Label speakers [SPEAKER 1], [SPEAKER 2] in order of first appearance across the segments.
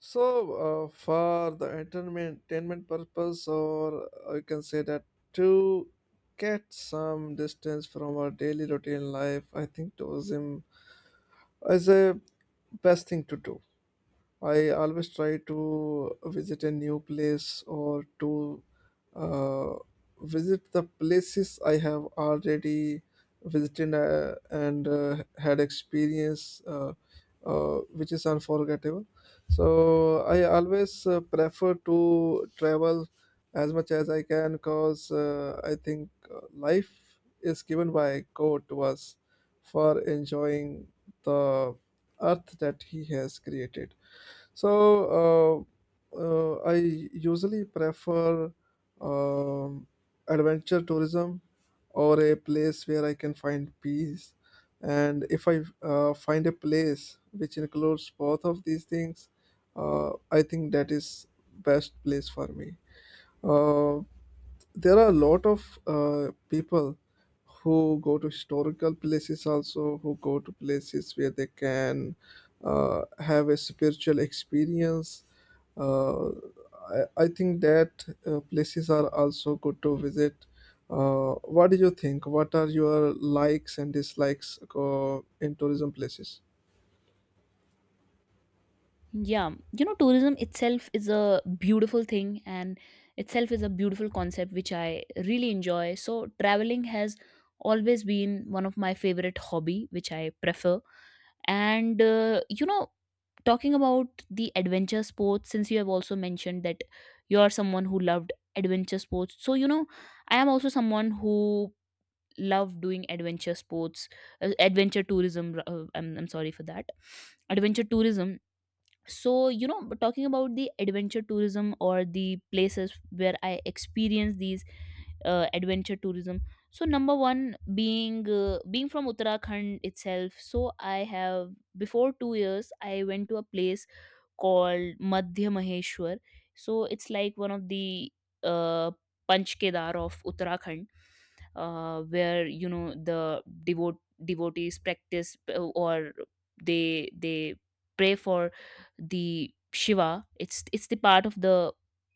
[SPEAKER 1] So, for the entertainment purpose, or you can say that to get some distance from our daily routine life, I think tourism is a best thing to do. I always try to visit a new place or to uh, visit the places I have already visited and had experience which is unforgettable. So I always prefer to travel as much as I can because I think life is given by God to us for enjoying the earth that He has created. So I usually prefer um, adventure tourism or a place where I can find peace. And if I find a place which includes both of these things, I think that is best place for me. Uh, there are a lot of people who go to historical places, also who go to places where they can have a spiritual experience. I think that places are also good to visit. What do you think? What are your likes and dislikes in tourism places?
[SPEAKER 2] Yeah, you know, tourism itself is a beautiful thing and itself is a beautiful concept which I really enjoy. So traveling has always been one of my favorite hobby which I prefer. And talking about the adventure sports, since you have also mentioned that you are someone who loved adventure sports. So you know, I am also someone who love doing adventure sports, adventure tourism. I'm sorry for that. Adventure tourism. So you know, talking about the adventure tourism or the places where I experience these adventure tourism, so number one, being being from Uttarakhand itself. So I have, before 2 years, I went to a place called Madhya Maheshwar. So it's like one of the uh, Panch Kedar of Uttarakhand, where you know the devote devotees practice, or they pray for the Shiva. It's the part of the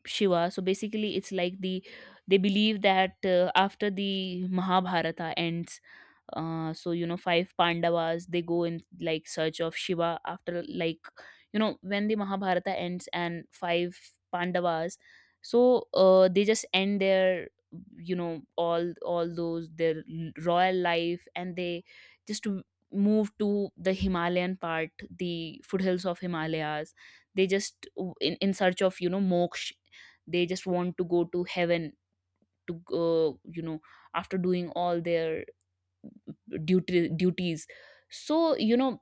[SPEAKER 2] Shiva. So basically it's like, the they believe that after the Mahabharata ends, so you know, five Pandavas, they go in like search of Shiva after, like, you know, when the Mahabharata ends and five Pandavas. So they just end their all those their royal life and they just move to the Himalayan part, the foothills of Himalayas. They just in search of, you know, moksha. They just want to go to heaven, to go, you know, after doing all their duties. So you know,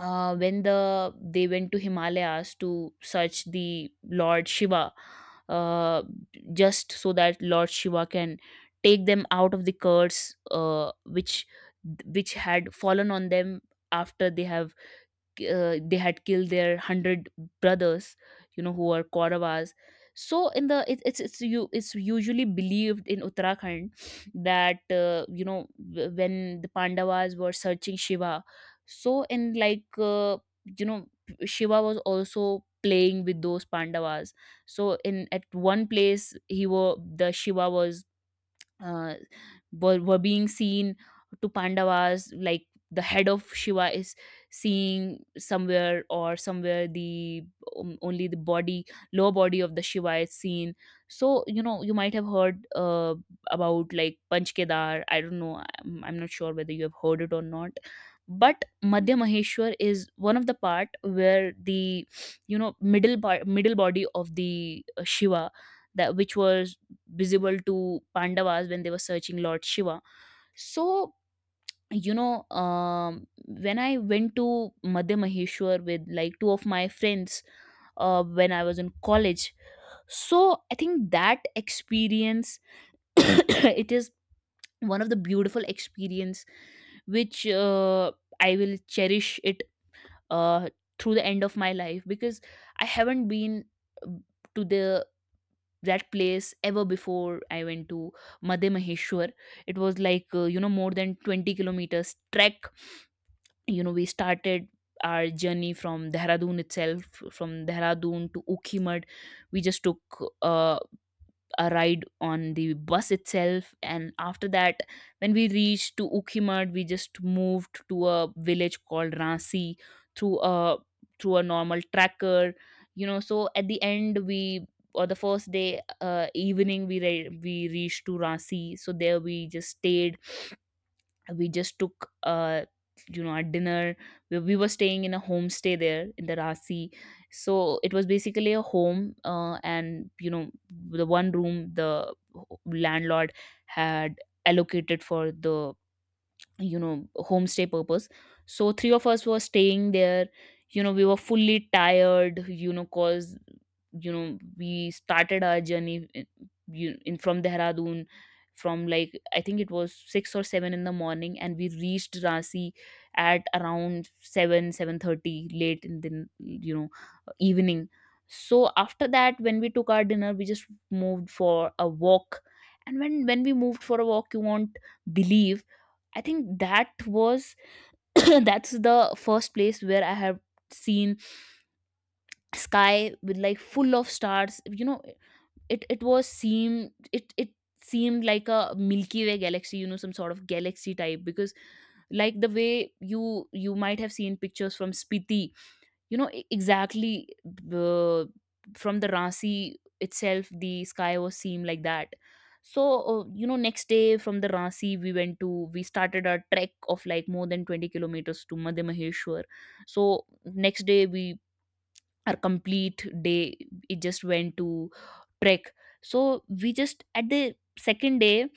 [SPEAKER 2] when the they went to Himalayas to search the Lord Shiva, uh, just so that Lord Shiva can take them out of the curse, which had fallen on them after they have, they had killed their 100 brothers, you know, who are Kauravas. So in the it, it's you it's usually believed in Uttarakhand that you know, when the Pandavas were searching Shiva, so in like, you know Shiva was also playing with those Pandavas. So in at one place, he were, the Shiva was uh, were being seen to Pandavas, like the head of Shiva is seeing somewhere, or somewhere the only the body, lower body of the Shiva is seen. So you know, you might have heard about like Panchkedar. I don't know. I'm not sure whether you have heard it or not. But Madhya Maheshwar is one of the part where the, you know, middle part, middle body of the Shiva, that which was visible to Pandavas when they were searching Lord Shiva. So, you know, when I went to Madhya Maheshwar with like two of my friends when I was in college, so I think that experience it is one of the beautiful experience which I will cherish it uh, through the end of my life, because I haven't been uh, to the that place ever before I went to Madhe Maheshwar. It was like, you know, more than 20 kilometers trek. You know, we started our journey from Dehradun itself, from Dehradun to Ukhimad. We just took uh, a ride on the bus itself, and after that, when we reached to Ukhimat, we just moved to a village called Ransi through a normal tracker, you know. So at the end, we, or the first day evening, we we reached to Ransi. So there we just stayed, we just took you know, a dinner. We were staying in a homestay there in the Rasi. So it was basically a home, and you know, the one room the landlord had allocated for the, you know, homestay purpose. So three of us were staying there. You know, we were fully tired, you know, cause you know, we started our journey in, from Dehradun, from like, I think it was 6 or 7 in the morning, and we reached Rasi at around 7 7:30 late in the, you know, evening. So after that, when we took our dinner, we just moved for a walk. And when we moved for a walk, you won't believe, I think that was that's the first place where I have seen sky with like full of stars. You know, it was seem it seemed like a Milky Way galaxy. You know, some sort of galaxy type, because like the way you might have seen pictures from Spiti, you know, exactly, uh, from the Rasi itself the sky was seen like that. So you know, next day from the Rasi, we went to, we started a trek of like more than 20 kilometers to Madhya Maheshwar. So next day we, our complete day, it just went to trek. So we just at the second day,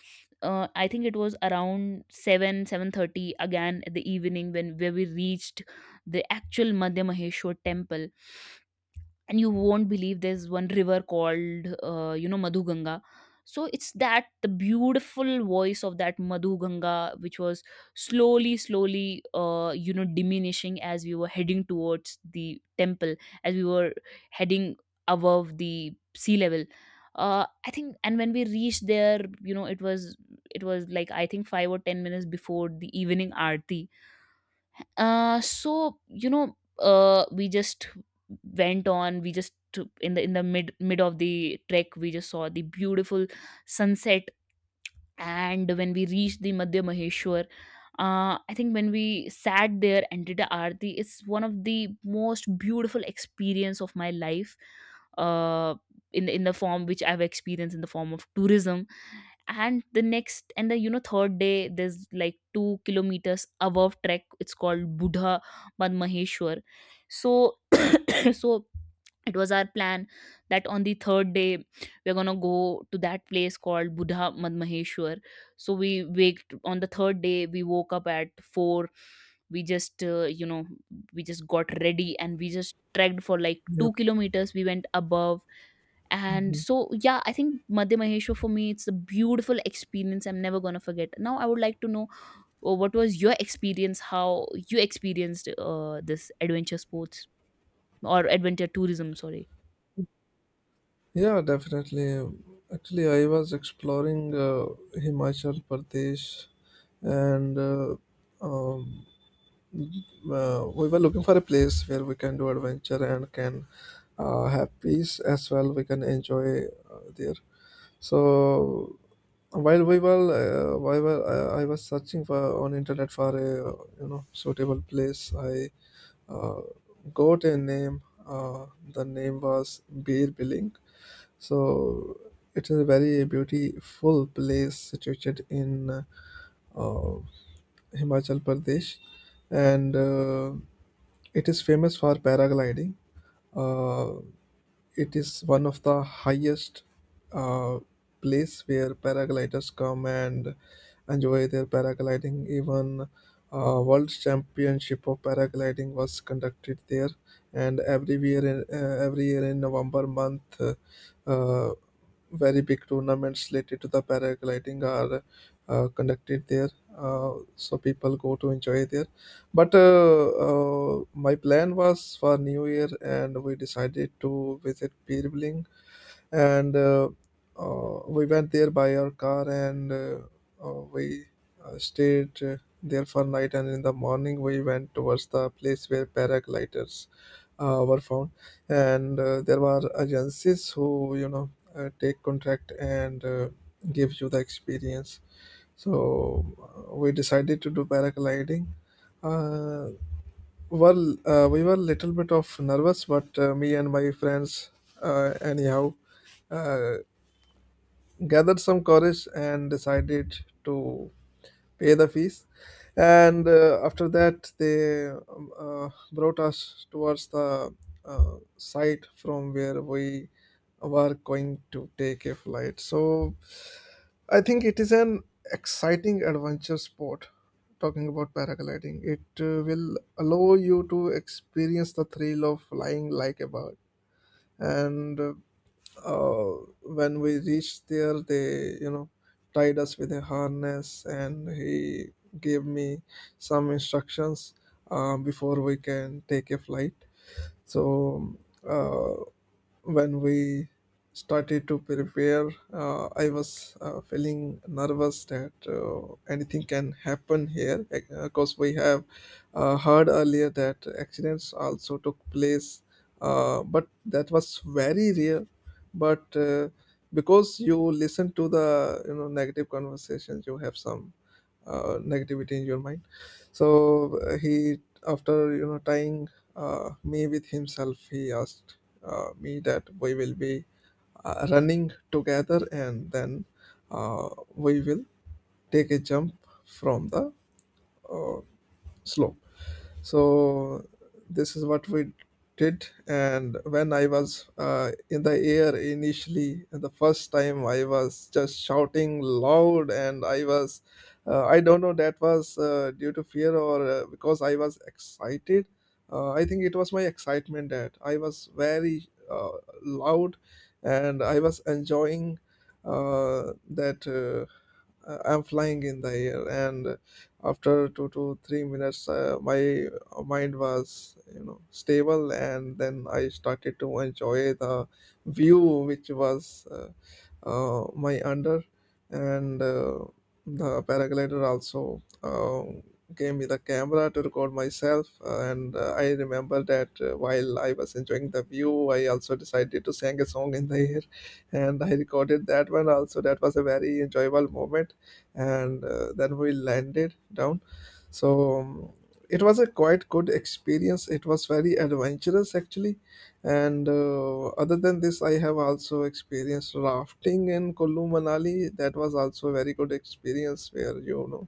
[SPEAKER 2] I think it was around 7 7:30 again at the evening when where we reached the actual Madhya Maheshwar temple. And you won't believe, there's one river called you know, Madhu Ganga. So it's that the beautiful voice of that Madhu Ganga, which was slowly you know, diminishing as we were heading towards the temple, as we were heading above the sea level, I think. And when we reached there, you know, it was, like I think 5 or 10 minutes before the evening aarti. You know, we just went on, we just in the mid of the trek we just saw the beautiful sunset. And when we reached the Madhya Maheshwar, I think when we sat there and did a aarti, it's one of the most beautiful experience of my life. Uh, in the form which I've experienced in the form of tourism. And the next and the, you know, third day, there's like 2 kilometers above trek, it's called Buddha Badmaheshwar. So so it was our plan that on the third day we're gonna go to that place called Buddha Madmaheshwar. So we waked on the third day, we woke up at 4, we just you know, we just got ready and we just trekked for like two
[SPEAKER 1] Yep.
[SPEAKER 2] kilometers we went above. And so, yeah, I think Madhya Maheshwar for me, it's a beautiful experience I'm never gonna forget. Now, I would like to know what was your experience, how you experienced this adventure sports or adventure tourism, sorry.
[SPEAKER 1] Yeah, definitely. Actually, I was exploring Himachal Pradesh and um, we were looking for a place where we can do adventure and can have peace as well. We can enjoy there. So while we were, while were- I was searching for on internet for a you know suitable place, I uh, got a name. Uh, the name was Beer Billing. So it is a very beautiful place situated in uh, Himachal Pradesh, and it is famous for paragliding. Uh, it is one of the highest uh, place where paragliders come and enjoy their paragliding. Even World Championship of Paragliding was conducted there, and every year in November month. Uh, Very big tournaments related to the paragliding are conducted there. So people go to enjoy there. But my plan was for New Year, and we decided to visit Pirbling, and we went there by our car, and we stayed there for night, and in the morning we went towards the place where paragliders were found, and there were agencies who you know take contract and give you the experience. So we decided to do paragliding. uh, well, we were a little bit of nervous, but me and my friends, anyhow, uh, gathered some courage and decided to pay the fees, and after that they brought us towards the site from where we were going to take a flight. So I think it is an exciting adventure sport. Talking about paragliding, it will allow you to experience the thrill of flying like a bird. And when we reached there, they, you know, tied us with a harness, and he gave me some instructions before we can take a flight. So uh, when we started to prepare, I was feeling nervous that anything can happen here because we have heard earlier that accidents also took place, but that was very rare. But because you listen to the you know negative conversations, you have some negativity in your mind. So he, after you know tying me with himself, he asked me that we will be running together, and then uh, we will take a jump from the slope. So this is what we did. And when I was in the air initially, the first time I was just shouting loud, and I was, I don't know, that was due to fear or because I was excited. I think it was my excitement that I was very loud, and I was enjoying that I'm flying in the air. And after 2 to 3 minutes, my mind was you know stable, and then I started to enjoy the view, which was my under. And the paraglider also gave me the camera to record myself, and I remember that while I was enjoying the view, I also decided to sing a song in the air, and I recorded that one also. That was a very enjoyable moment, and then we landed down. So it was a quite good experience, it was very adventurous actually. And other than this, I have also experienced rafting in Kullu Manali. That was also a very good experience, where you know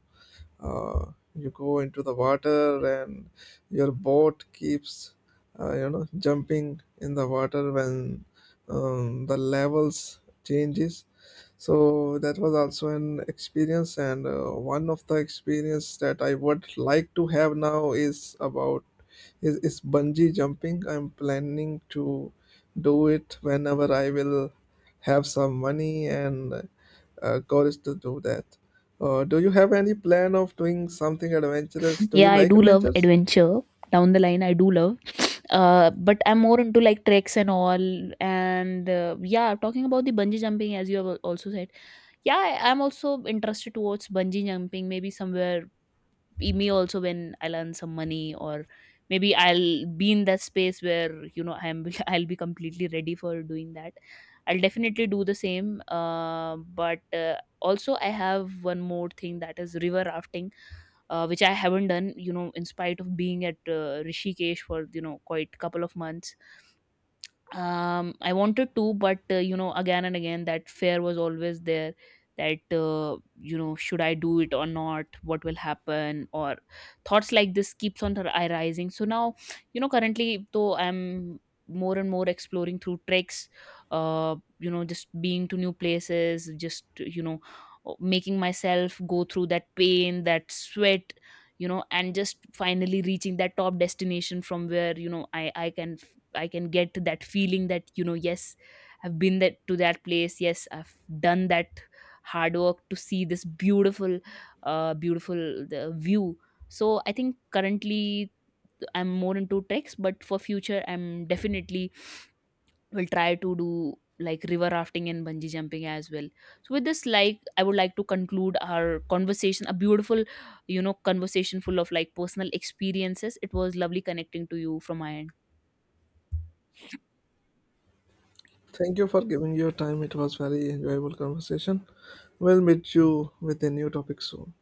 [SPEAKER 1] you go into the water and your boat keeps you know jumping in the water when the levels changes. So that was also an experience. And one of the experience that I would like to have now is about is bungee jumping. I'm planning to do it whenever I will have some money and courage to do that. Do you have any plan of doing something adventurous? Do you
[SPEAKER 2] Yeah, I
[SPEAKER 1] like
[SPEAKER 2] do love
[SPEAKER 1] adventures?
[SPEAKER 2] adventure. Down the line, I do love. But I'm more into like treks and all. And yeah, talking about the bungee jumping, as you have also said, yeah, I'm also interested towards bungee jumping. Maybe somewhere be me also when I'll earn some money, or maybe I'll be in that space where, you know, I'm I'll be completely ready for doing that, I'll definitely do the same. But Also, I have one more thing, that is river rafting, which I haven't done, you know, in spite of being at Rishikesh for, you know, quite couple of months. I wanted to, but you know, again and again that fear was always there, that you know, should I do it or not, what will happen. Or thoughts like this keeps on arising. So now, you know, currently though I'm more and more exploring through treks. You know, just being to new places, just, you know, making myself go through that pain, that sweat, you know, and just finally reaching that top destination from where, you know, I can get that feeling that, you know, yes, I've been that to that place, yes, I've done that hard work to see this beautiful uh beautiful the view. So I think currently I'm more into treks, but for future I'm definitely will try to do like river rafting and bungee jumping as well. So with this, like, I would like to conclude our conversation, a beautiful, you know, conversation full of like personal experiences. It was lovely connecting to you from my end.
[SPEAKER 1] Thank you for giving your time. It was very enjoyable conversation. We'll meet you with a new topic soon.